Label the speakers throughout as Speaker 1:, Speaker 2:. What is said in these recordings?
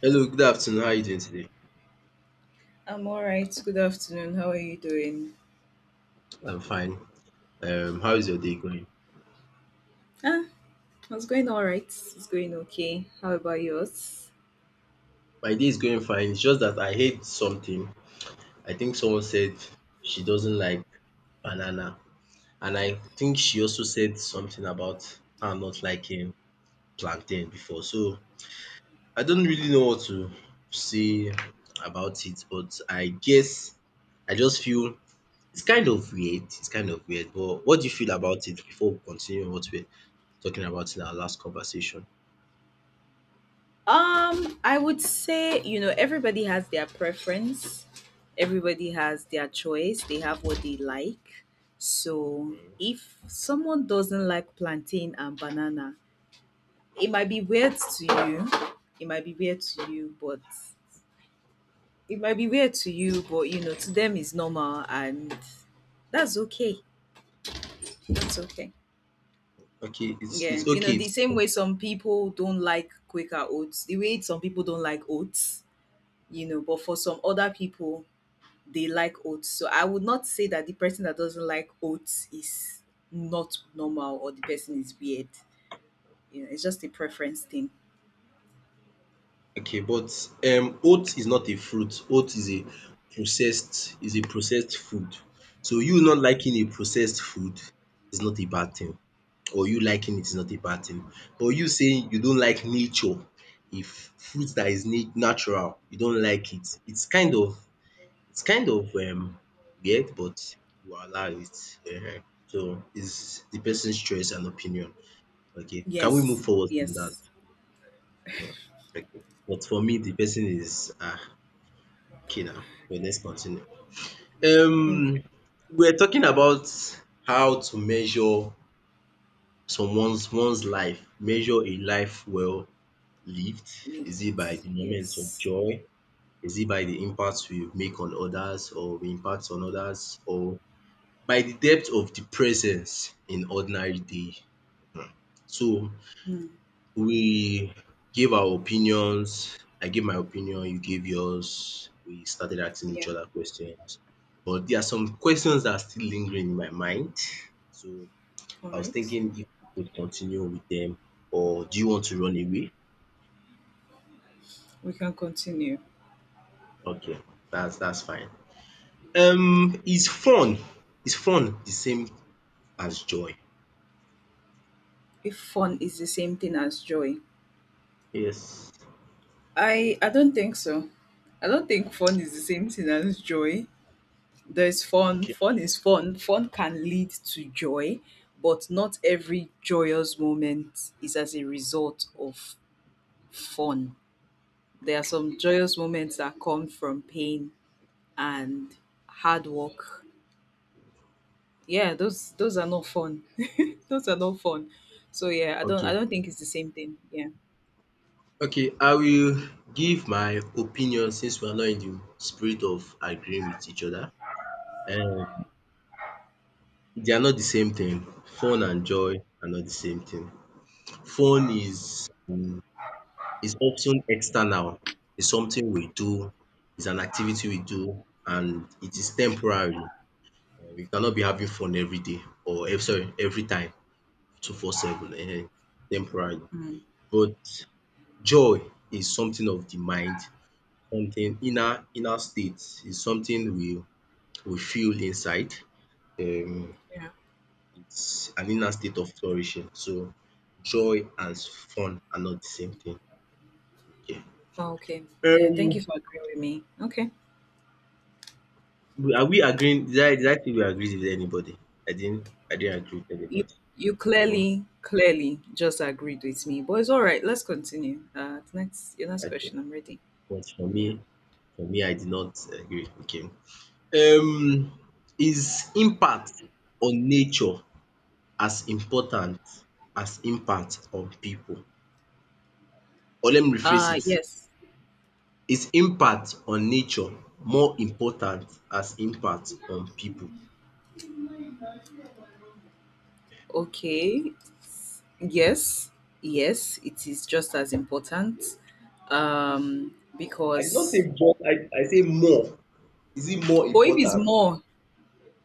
Speaker 1: Hello, good afternoon. How are you doing today?
Speaker 2: I'm all right. Good afternoon. How are you doing?
Speaker 1: I'm fine. How is your day going?
Speaker 2: Ah, it's going all right. It's going okay. How about yours?
Speaker 1: My day is going fine. It's just that I hate something. I think someone said she doesn't like banana. And I think she also said something about her not liking plantain before. So I don't really know what to say about it, but I guess I just feel it's kind of weird. It's kind of weird. But what do you feel about it before we continue what we're talking about in our last conversation?
Speaker 2: I would say, everybody has their preference. Everybody has their choice. They have what they like. So, if someone doesn't like plantain and banana, it might be weird to you. It might be weird to you, but it might be weird to you, but to them it's normal and that's okay. That's okay.
Speaker 1: Okay, it's
Speaker 2: Yeah,
Speaker 1: it's okay.
Speaker 2: the
Speaker 1: It's
Speaker 2: same way some people don't like Quaker oats, the way some people don't like oats, but for some other people, they like oats. So I would not say that the person that doesn't like oats is not normal or the person is weird. It's just a preference thing.
Speaker 1: Okay, but oat is not a fruit. Oat is a processed food. So you not liking a processed food is not a bad thing or you liking it is not a bad thing. But you saying you don't like nature, if fruit that is na natural you don't like it, it's kind of it's kind of um weird but you allow it. Ehen. So it's the person's choice and opinion. Okay, can we move
Speaker 2: Yes,
Speaker 1: forward from that?
Speaker 2: yes.
Speaker 1: Mm, okay. But for me, the person is okay now. But let's continue.
Speaker 2: Mm.
Speaker 1: Um, we're talking about how to measure someone's one's life, measure a life well lived. Is it by the moments of
Speaker 2: Yes.
Speaker 1: joy? Is it by the impact we impact on others or by the depth of the presence in ordinary day? So
Speaker 2: Mm.
Speaker 1: we gave our opinions. I gave my opinion, you gave yours. We started asking
Speaker 2: Yeah,
Speaker 1: each other questions. But there are some questions that are still lingering in my mind. So
Speaker 2: all
Speaker 1: I was
Speaker 2: right.
Speaker 1: thinking if we could continue with them, or do you want to run away?
Speaker 2: We can continue.
Speaker 1: Okay, that's fine. Is fun the same as joy?
Speaker 2: If fun is the same thing as joy,
Speaker 1: Yes.
Speaker 2: I don't think so. I don't think fun is the same thing as joy. There's fun.
Speaker 1: Okay.
Speaker 2: Fun is fun. Fun can lead to joy, but not every joyous moment is as a result of fun. There are some joyous moments that come from pain and hard work. Yeah, those are not fun. Those are not fun. So yeah, I don't I
Speaker 1: Okay.
Speaker 2: don't think it's the same thing. Yeah.
Speaker 1: Okay, I will give my opinion, since we are not in the spirit of agreeing with each other. um They are not the same thing. Fun and joy are not the same thing. Fun is often external. It's something we do. It's an activity we do, and it is temporary. You cannot be having fun every day or every time, 24/7. Temporary.
Speaker 2: Mm.
Speaker 1: But joy is something of the mind, something inner state. Is something we feel inside. Um
Speaker 2: Yeah.
Speaker 1: It's an inner state of flourishing. So joy and fun are not the same thing. Okay.
Speaker 2: Okay. Yeah. Thank
Speaker 1: Um
Speaker 2: you for agreeing with me. Okay.
Speaker 1: are we agreeing? Did I say we agreed with anybody? I didn't agree with
Speaker 2: You
Speaker 1: anybody.
Speaker 2: you
Speaker 1: No?
Speaker 2: clearly, clearly just agreed with me, but it's all right. Let's continue. Next, your next
Speaker 1: Okay.
Speaker 2: question. I'm ready.
Speaker 1: But for me,
Speaker 2: Yeah.
Speaker 1: I did not agree. Okay. Um is impact on nature as important as impact on people? Or let me rephrase it.
Speaker 2: Yes.
Speaker 1: Is impact on nature more important as impact on people?
Speaker 2: Okay. Yes. Yes. It is just as important,
Speaker 1: I did not say
Speaker 2: because
Speaker 1: but, I say more. Is it more
Speaker 2: or if it's
Speaker 1: important?
Speaker 2: more,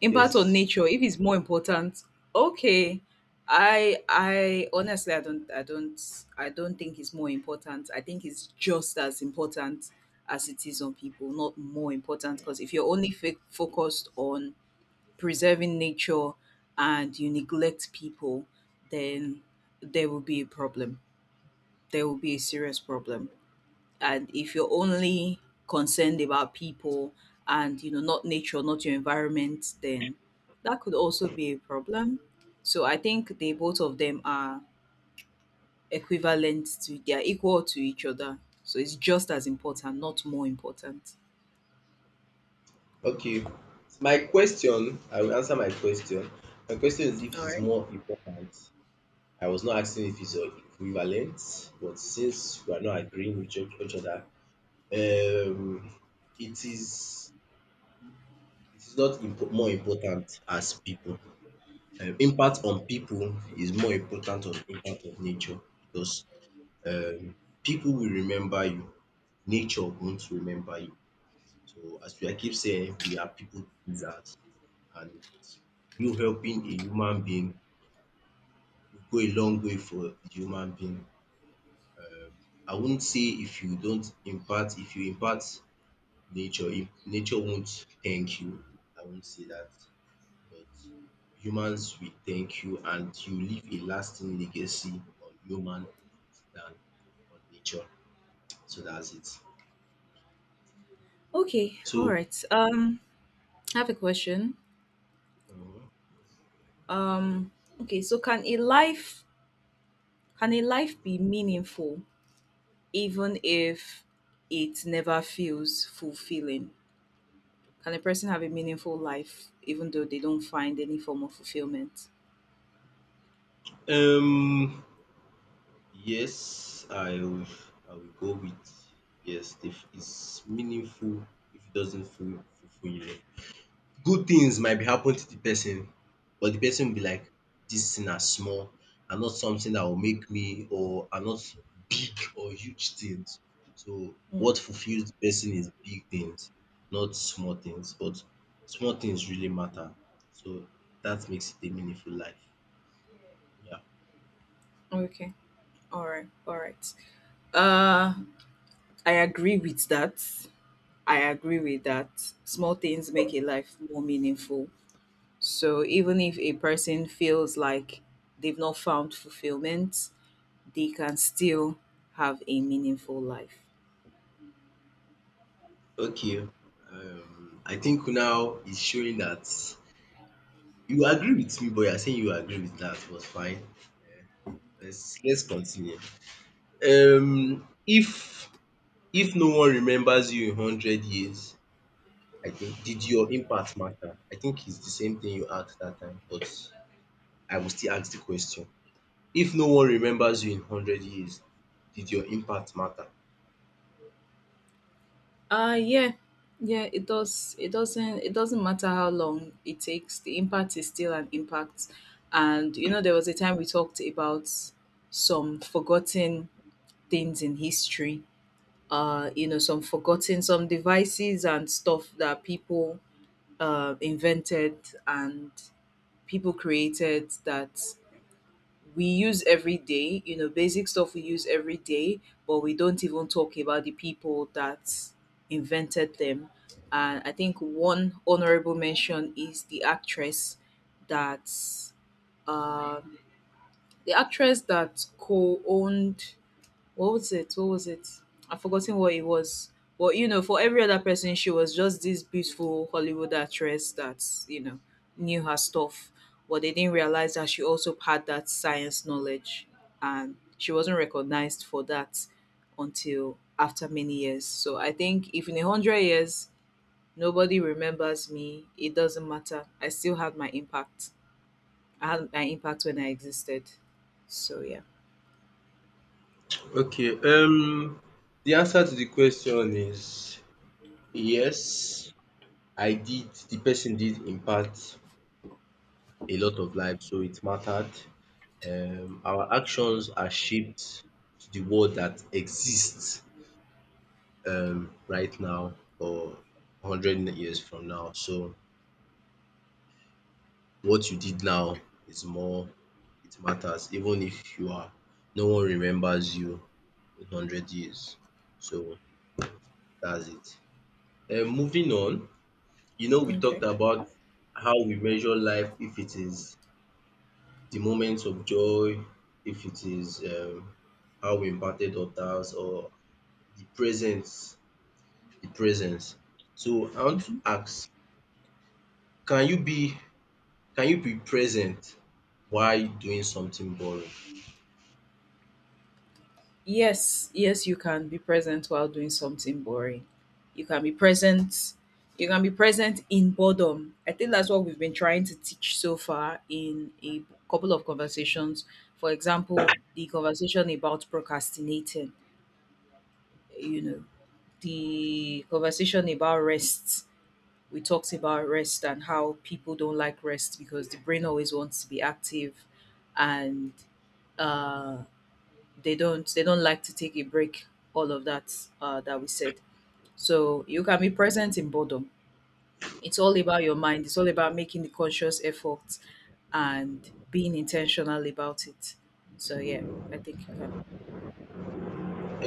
Speaker 2: impact on
Speaker 1: Yes.
Speaker 2: nature, if it's more important. Okay. I honestly I don't I don't I don't think it's more important. I think it's just as important as it is on people, not more important, because if you're only focused on preserving nature and you neglect people, then there will be a problem. There will be a serious problem, and if you're only concerned about people and not nature, not your environment, then that could also be a problem. So I think they, both of them, are equivalent to, they are equal to each other. So it's just as important, not more important.
Speaker 1: Okay. My question, I will answer my question. My question is if
Speaker 2: All
Speaker 1: it's
Speaker 2: right.
Speaker 1: more important. I was not asking if it's equivalent, but since we are not agreeing with each other, um, it is not more important as people. Impact on people is more important on impact of nature because um, people will remember you, nature won't remember you. So as we I keep saying, we are people pleasers, and you helping a human being will go a long way for the human being. I won't say if you impact nature, if nature won't thank you. I won't say that. But humans will thank you, and you leave a lasting legacy on human than on nature. So that's it.
Speaker 2: Okay. All
Speaker 1: So
Speaker 2: right. I have a question.
Speaker 1: um
Speaker 2: um okay, so can a life be meaningful even if it never feels fulfilling? Can a person have a meaningful life even though they don't find any form of fulfillment?
Speaker 1: um, yes, I will go with yes. If it's meaningful, if it doesn't feel fulfill you, good things might be happen to the person, but the person will be like, this thing are small and not something that will make me, or are not big or huge things. So
Speaker 2: Mm,
Speaker 1: what fulfills the person is big things, not small things. But small things really matter. So that makes it a meaningful life. Yeah.
Speaker 2: okay. All right. All right. Uh, I agree with that. I agree with that. Small things make a life more meaningful. So even if a person feels like they've not found fulfillment, they can still have a meaningful life.
Speaker 1: Okay, I think now it's showing that you agree with me, but you are saying you agree with that, but fine. Let's continue. If no one remembers you in 100 years, I think, did your impact matter? I think it's the same thing you asked that time, but I will still ask the question. If no one remembers you in hundred years, did your impact matter?
Speaker 2: Yeah. Yeah, it doesn't matter how long it takes, the impact is still an impact. And there was a time we talked about some forgotten things in history. Some devices and stuff that people invented and people created that we use every day, basic stuff we use every day, but we don't even talk about the people that invented them. And I think one honorable mention is that, uh, the actress that co owned, what was it? What was it? I've forgotten what it was. But for every other person, she was just this beautiful Hollywood actress that knew her stuff. But they didn't realize that she also had that science knowledge, and she wasn't recognized for that until after many years. So I think if in 100 years nobody remembers me, it doesn't matter. I still had my impact. I had my impact when I existed. So yeah.
Speaker 1: Okay, the answer to the question is yes. I did The person did impact a lot of lives, so it mattered. Our actions are shaped to the world that exists, right now or 100 years from now. So what you did now it matters, even if you are, no one remembers you in 100 years. So that's it. Moving on, we talked
Speaker 2: Okay.
Speaker 1: about how we measure life, if it is the moments of joy, if it is how we impacted others, or the presence, the presence. So I want to ask, can you be present while doing something boring?
Speaker 2: Yes, yes, you can be present while doing something boring. You can be present. You can be present in boredom. I think that's what we've been trying to teach so far in a couple of conversations. For example, the conversation about procrastinating, you know, the conversation about rest. We talked about rest and how people don't like rest because the brain always wants to be active, and uh they don't like to take a break, all of that that we said. So you can be present in boredom. It's all about your mind. It's all about making the conscious effort and being intentional about it. So yeah, I think you can.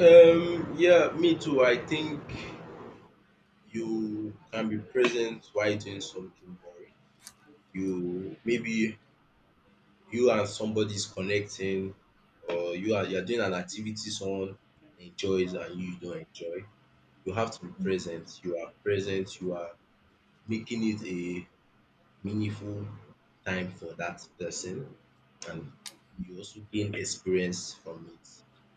Speaker 1: Yeah, me too. I think you can be present while doing something boring. You maybe you and somebody is connecting, or you are doing an activity someone enjoys and you don't enjoy. You have to be present. You are present. You are making it a meaningful time for that person, and you also gain experience from it.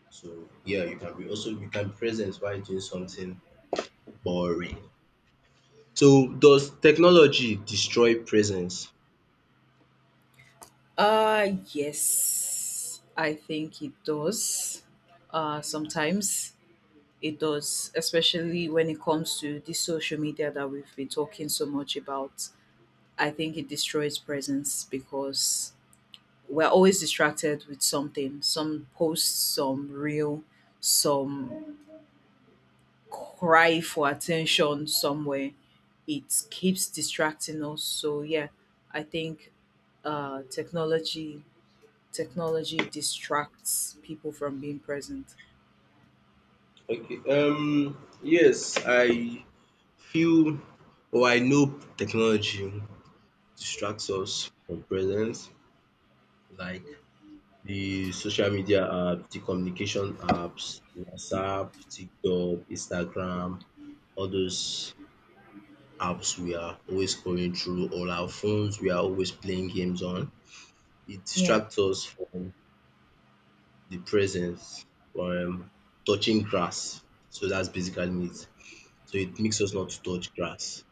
Speaker 1: So yeah, you can be present while doing something boring. So does technology destroy presence?
Speaker 2: Yes, I think it does. Sometimes it does, especially when it comes to the social media that we've been talking so much about. I think it destroys presence because we're always distracted with something, some post, some reel, some cry for attention somewhere. It keeps distracting us. So yeah, I think uh technology technology distracts people from being present.
Speaker 1: Okay. Yes, I feel or I know technology distracts us from presence, like the social media app, the communication apps, WhatsApp, TikTok, Instagram, all those apps we are always scrolling through, or our phones we are always playing games on. It
Speaker 2: Yeah,
Speaker 1: distracts us from the presence, from touching grass. So that's basically it. So it makes us not to touch grass.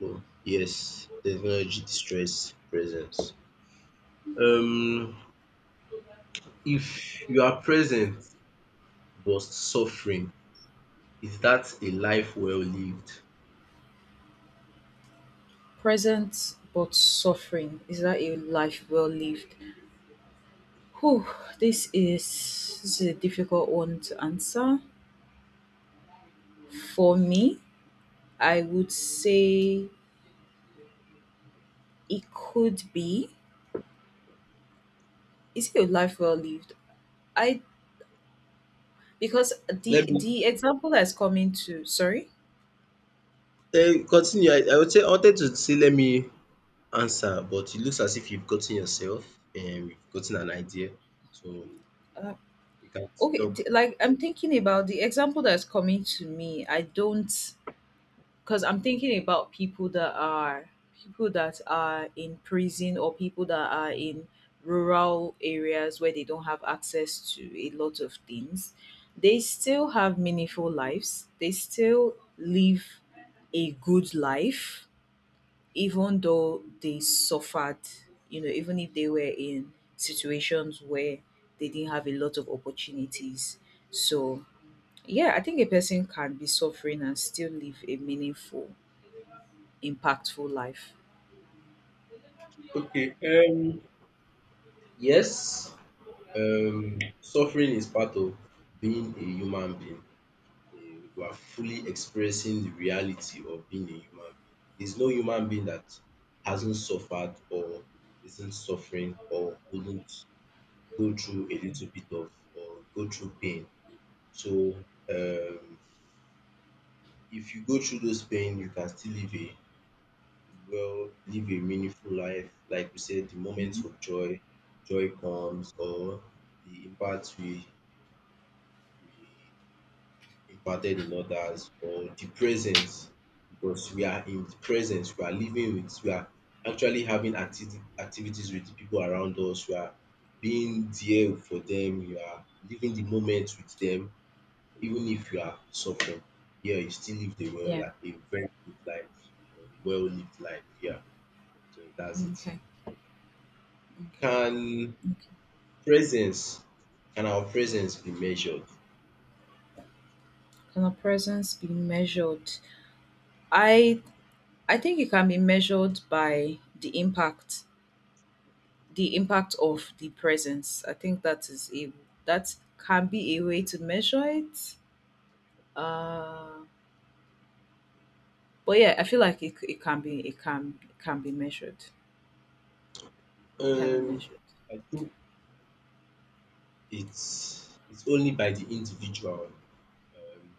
Speaker 1: So yes, technology distress presence. Um if you are present but suffering, is that a life well lived?
Speaker 2: present but suffering, is that a life well lived? Whew, this is this is a difficult one to answer. For me, I would say, it could be. Is it a life well lived? I Because
Speaker 1: Let
Speaker 2: the
Speaker 1: me
Speaker 2: the example that's coming to, sorry.
Speaker 1: continue. I would say, I wanted to say let me answer, but it looks as if you've gotten yourself and you've gotten an idea. So
Speaker 2: Uh,
Speaker 1: you can
Speaker 2: okay,
Speaker 1: talk.
Speaker 2: like I'm thinking about the example that's coming to me. I don't, because I'm thinking about people that are in prison, or people that are in rural areas where they don't have access to a lot of things. They still have meaningful lives. They still live a good life even though they suffered, even if they were in situations where they didn't have a lot of opportunities. So, yeah, I think a person can be suffering and still live a meaningful, impactful life.
Speaker 1: Okay, yes, suffering is part of being a human being. We are fully experiencing the reality of being a human being. There's no human being that hasn't suffered or isn't suffering or wouldn't go through a little bit of or go through pain. So if you go through those pain, you can still live a meaningful life. Like we said, the moments of joy, joy comes, or the impact we imparted in others, or the presence, because we are in the presence, we are living with, we are actually having activities with the people around us, we are being there for them, we are living the moment with them. Even if you are suffering, yeah, you still lived a well
Speaker 2: Yeah.
Speaker 1: life, a very good life, a well lived life. Yeah, so that's it.
Speaker 2: Okay. Okay.
Speaker 1: Can
Speaker 2: Okay.
Speaker 1: presence, can our presence be measured?
Speaker 2: Can a presence be measured? I I think it can be measured by the impact of the presence. I think that can be a way to measure it. Uh, but yeah, I feel like it can be measured. It can be
Speaker 1: Um,
Speaker 2: measured.
Speaker 1: I think it's only by the individual. Um,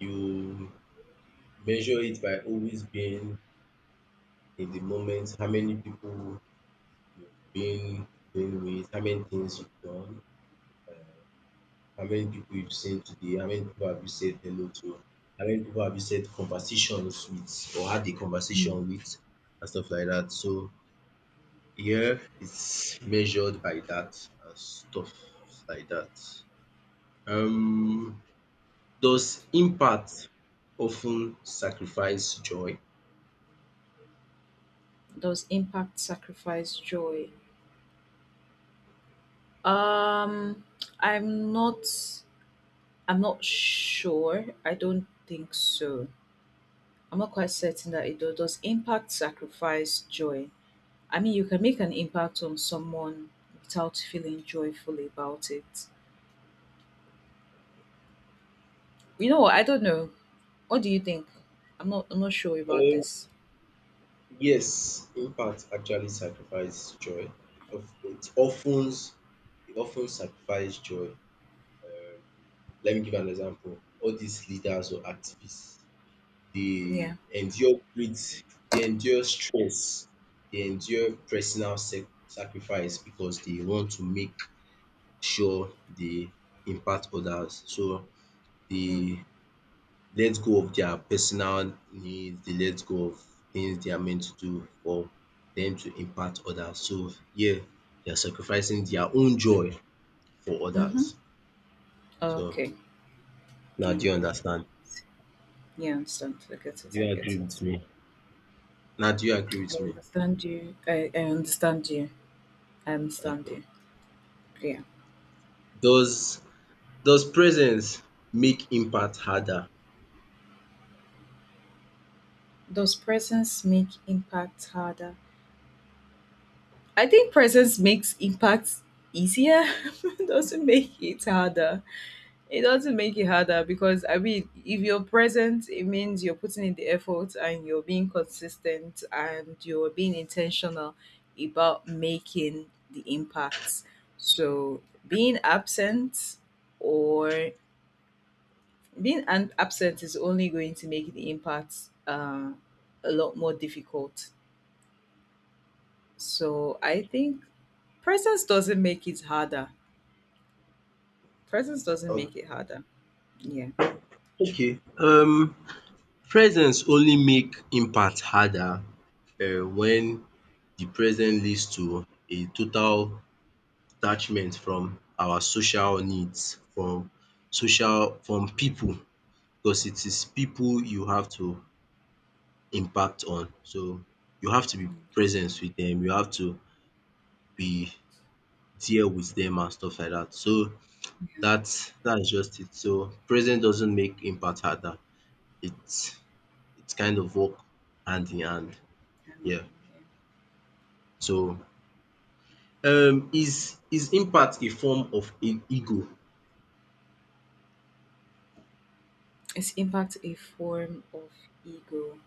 Speaker 1: you measure it by always being in the moment. How many people you've been with? How many things you've done? How many people you've saved today? How many people have you said hello to? How many people have you said conversations with or had a
Speaker 2: Mm.
Speaker 1: conversation with and stuff like that. So here it's measured by that and stuff like that. Um, does impact often sacrifice joy?
Speaker 2: Does impact sacrifice joy? Um, I'm not I'm not sure. I don't think so. I'm not quite certain that it does. Does impact sacrifice joy? I mean, you can make an impact on someone without feeling joyfully about it. You know what? I don't know. What do you think? I'm not sure about
Speaker 1: Um,
Speaker 2: this.
Speaker 1: yes, impact actually sacrifice joy. It often sacrifice joy. Let me give an example. All these leaders or activists, they
Speaker 2: Yeah.
Speaker 1: endure great, they endure stress, they endure personal sacrifice because they want to make sure they impact others. So
Speaker 2: Mm.
Speaker 1: they let go of their personal needs, they let go of things they are meant to do for them to impact others. So yeah, they are sacrificing their own joy for others.
Speaker 2: Mhm.
Speaker 1: So
Speaker 2: Okay,
Speaker 1: now do you
Speaker 2: okay.
Speaker 1: understand?
Speaker 2: Yeah, I understand. I get
Speaker 1: Do
Speaker 2: it. I
Speaker 1: you
Speaker 2: get
Speaker 1: agree with
Speaker 2: it.
Speaker 1: me? Now, do you agree
Speaker 2: I
Speaker 1: with me?
Speaker 2: understand you. I understand you. I understand
Speaker 1: Okay.
Speaker 2: you. Yeah.
Speaker 1: Does does presence make impact harder?
Speaker 2: Does presence make impact harder? I think presence makes impact easier. Doesn't make it harder. It doesn't make it harder because, I mean, if you're present, it means you're putting in the effort and you're being consistent and you're being intentional about making the impacts. So being absent or being an absent is only going to make the impact uh, a lot more difficult. So I think presence doesn't make it harder. Presence doesn't
Speaker 1: O-
Speaker 2: make it harder. Yeah.
Speaker 1: Okay. Presence only make impact harder when the present leads to a total detachment from our social needs, from people, because it is people you have to impact on. So you have to be present with them. You have to be there with them and stuff like that. So that's just it. So present doesn't make impact harder. It's it's kind of work hand in hand.
Speaker 2: Um,
Speaker 1: Yeah. So is impact a form of ego?
Speaker 2: Is impact a form of ego?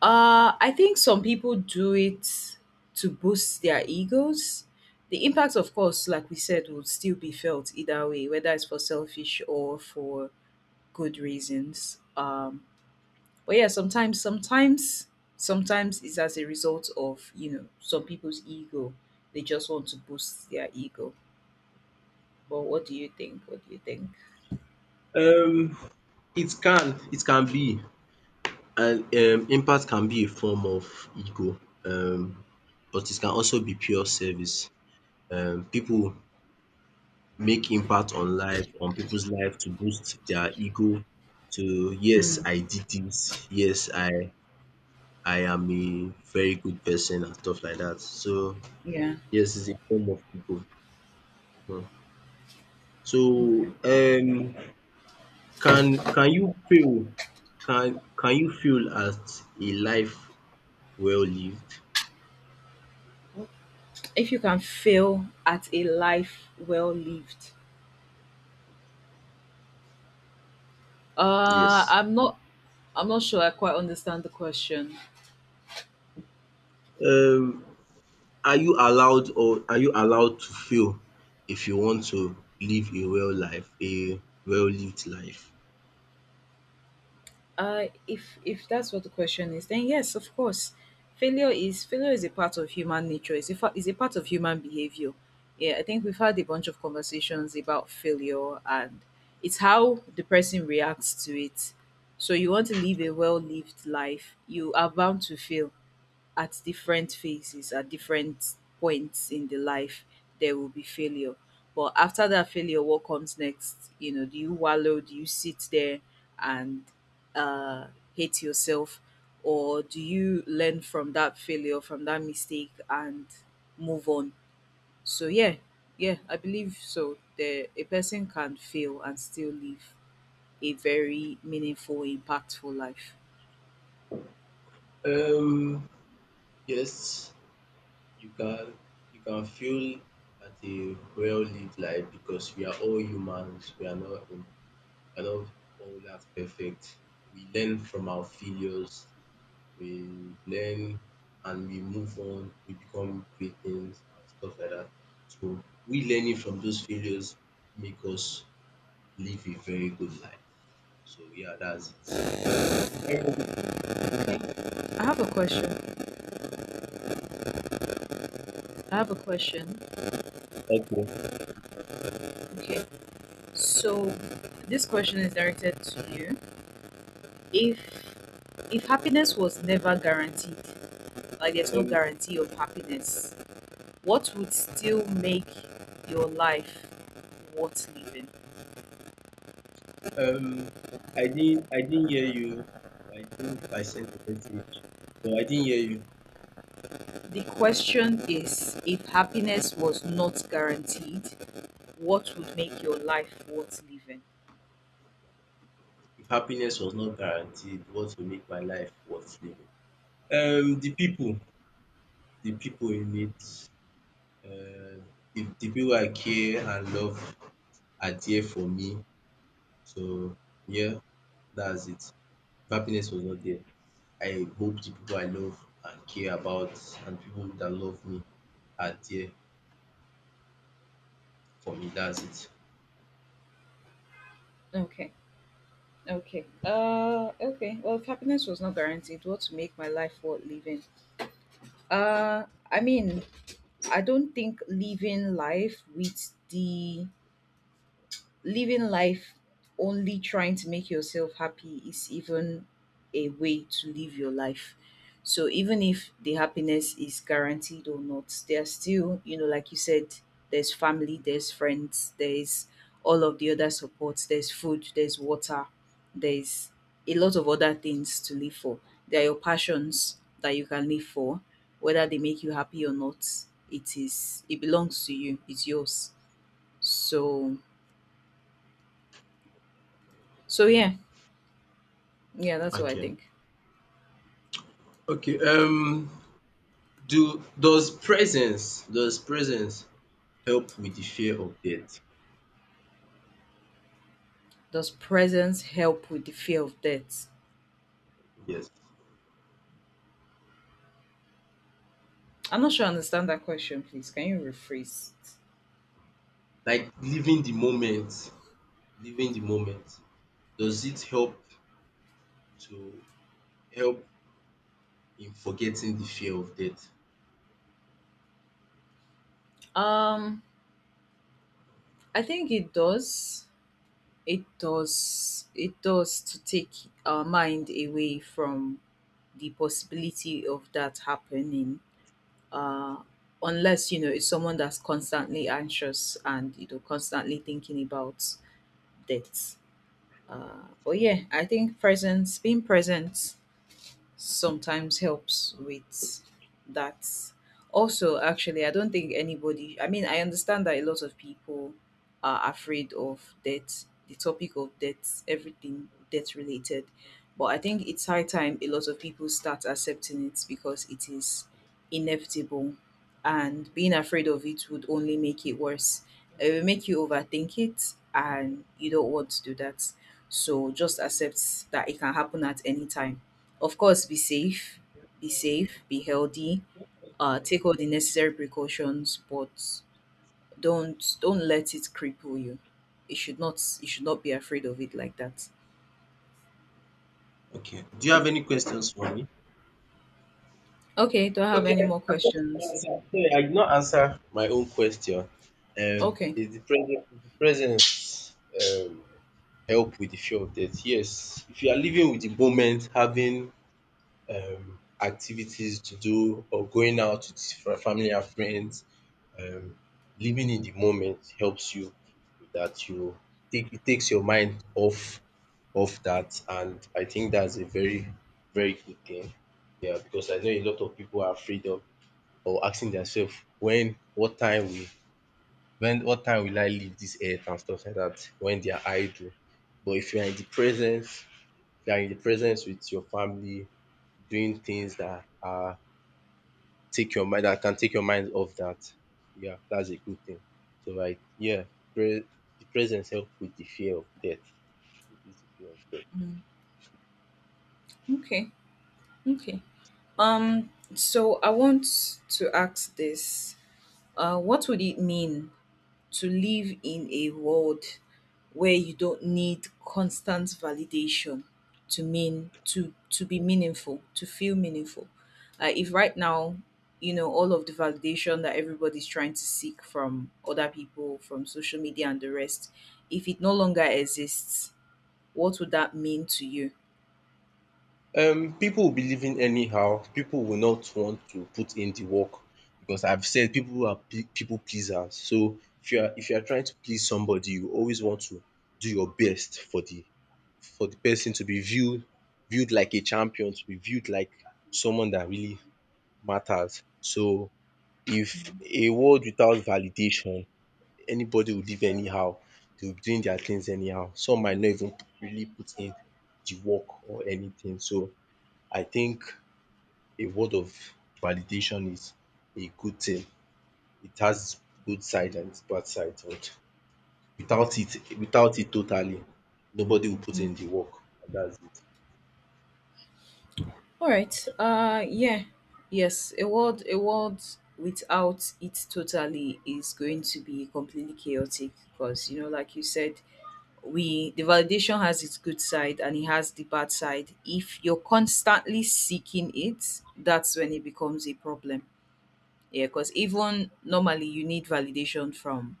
Speaker 2: I think some people do it to boost their egos. The impact, of course, like we said, will still be felt either way, whether it's for selfish or for good reasons. But yeah, sometimes it's as a result of some people's ego. They just want to boost their ego. But what do you think? What do you think?
Speaker 1: Um it can be, and impact can be a form of ego. But it can also be pure service. People make impact on life on people's life to boost their ego to, yes I did this, yes I am a very good person and stuff like that. So
Speaker 2: Yeah.
Speaker 1: yes, it's a form of ego. Mhm.
Speaker 2: Okay.
Speaker 1: So can you feel, can you feel as a life well lived?
Speaker 2: If you can fail at a life well lived, uh
Speaker 1: Yes.
Speaker 2: i'm not I'm not sure I quite understand the question.
Speaker 1: Um, are you allowed, or are you allowed to fail if you want to live a well life, a well lived life?
Speaker 2: If that's what the question is, then yes, of course. Failure is a part of human nature. It's a part of human behavior. Yeah, I think we've had a bunch of conversations about failure, and it's how the person reacts to it. So you want to live a well lived life, you are bound to fail. At different phases, at different points in the life, there will be failure. But after that failure, what comes next? Do you wallow? Do you sit there and uh, hate yourself? Or do you learn from that failure, from that mistake, and move on? So, yeah, yeah, I believe so. A person can fail and still live a very meaningful, impactful life.
Speaker 1: Um, yes. You can you can feel at a well-lived life because we are all humans. We are not all that perfect. We learn from our failures. We learn and we move on. We become great things and stuff like that. So we learning from those failures make us live a very good life. So yeah, that's it. Thank
Speaker 2: Okay. I have a question. I have a question. Okay. So this question is directed to you. If if happiness was never guaranteed, like there's no
Speaker 1: Um,
Speaker 2: guarantee of happiness, what would still make your life worth living?
Speaker 1: um, I didn't hear you. I think I sent a message, but I didn't hear you.
Speaker 2: The question is, if happiness was not guaranteed, what would make your life worth living?
Speaker 1: If happiness was not guaranteed, what will make my life worth living? Um, the people, the people in it, the people I care and love are there for me. So yeah, that's it. If happiness was not there, I hope the people I love and care about and people that love me are there for me. That's it.
Speaker 2: Okay. Okay. Okay. Well, if happiness was not guaranteed, what would make my life worth living? Uh I mean, I don't think living life only trying to make yourself happy is even a way to live your life. So even if the happiness is guaranteed or not, there's still, there's family, there's friends, there's all of the other supports, there's food, there's water, there's a lot of other things to live for. There are your passions that you can live for, whether they make you happy or not. It belongs to you. It's yours. So yeah, yeah, that's what I
Speaker 1: Okay.
Speaker 2: think.
Speaker 1: Okay. Do does presence, does presence help with the fear of death?
Speaker 2: Does presence help with the fear of death?
Speaker 1: Yes.
Speaker 2: I'm not sure I understand that question, please. Can you rephrase it?
Speaker 1: Like living the moment, living the moment. Does it help to help in forgetting the fear of death?
Speaker 2: Um, I think it does. It does. It does to take our mind away from the possibility of that happening. Uh, Unless, it's someone that's constantly anxious and, constantly thinking about death. But yeah, I think presence, being present, sometimes helps with that. Also, actually, I don't think anybody, I mean, I understand that a lot of people are afraid of death, the topic of death, everything death related. But I think it's high time a lot of people start accepting it because it is inevitable. And being afraid of it would only make it worse. It will make you overthink it, and you don't want to do that. So just accept that it can happen at any time. Of course, be safe, be safe, be healthy, take all the necessary precautions, but don't let it cripple you. It should not You should not be afraid of it like that.
Speaker 1: Okay. Do you have any questions for me?
Speaker 2: Okay, do I have
Speaker 1: Okay,
Speaker 2: any
Speaker 1: I
Speaker 2: more
Speaker 1: I thought you
Speaker 2: questions?
Speaker 1: answer. Sorry, I did not answer my own question.
Speaker 2: Okay.
Speaker 1: Is the present, is the presence um help with the fear of death? Yes. If you are living with the moment, having activities to do or going out with family and friends, um living in the moment helps you with that you take, it takes your mind off off that, and I think that's a very very good thing. Yeah, because I know a lot of people are afraid of or asking themselves when what time will, when what time will I leave this earth and stuff like that when they are idle. But if you are in the presence, if you are in the presence with your family doing things that are, take your mind that can take your mind off that. Yeah, that's a good thing. So like yeah, pre- the presence help with the fear of death. Reduce the fear of death.
Speaker 2: Mm. Okay. Okay. So I want to ask this. What would it mean to live in a world where you don't need constant validation to be meaningful, to feel meaningful, if right now, all of the validation that everybody's trying to seek from other people, from social media and the rest, if it no longer exists, what would that mean to you?
Speaker 1: People will be living anyhow. People will not want to put in the work because I've said people are people pleasers. So if you are, if you are trying to please somebody, you always want to do your best for the, for the person to be viewed, viewed like a champion, to be viewed like someone that really matters. So if a world without validation, anybody will live anyhow, they will be doing their things anyhow. Some might not even really put in the work or anything. So I think a world of validation is a good thing. It has its good side and its bad side. And without it, without it totally, nobody will put in
Speaker 2: Mm.
Speaker 1: the work. And that's it.
Speaker 2: All right. Yeah. Yes, a world without it totally is going to be completely chaotic because like you said, we the validation has its good side and it has the bad side. If you're constantly seeking it, that's when it becomes a problem. Yeah, because even normally you need validation from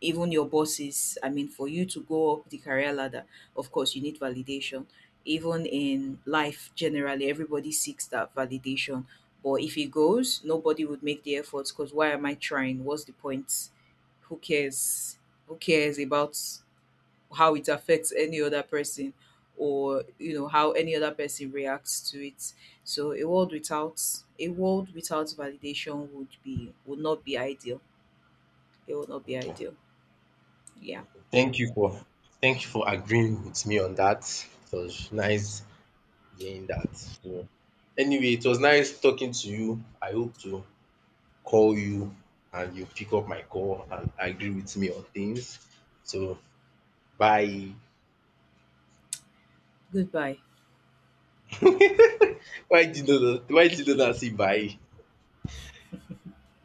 Speaker 2: even your bosses. I mean, for you to go up the career ladder, of course, you need validation. Even in life generally, everybody seeks that validation. But if it goes, nobody would make the efforts because why am I trying? What's the point? Who cares? Who cares about how it affects any other person, or how any other person reacts to it? So a world without validation would not be ideal. It would not be
Speaker 1: Okay.
Speaker 2: ideal. Yeah.
Speaker 1: Thank you for thank you for agreeing with me on that. It was nice hearing that. So anyway, it was nice talking to you. I hope to call you and you pick up my call and agree with me on things. So bye.
Speaker 2: Goodbye.
Speaker 1: Why Why did you do, say bye.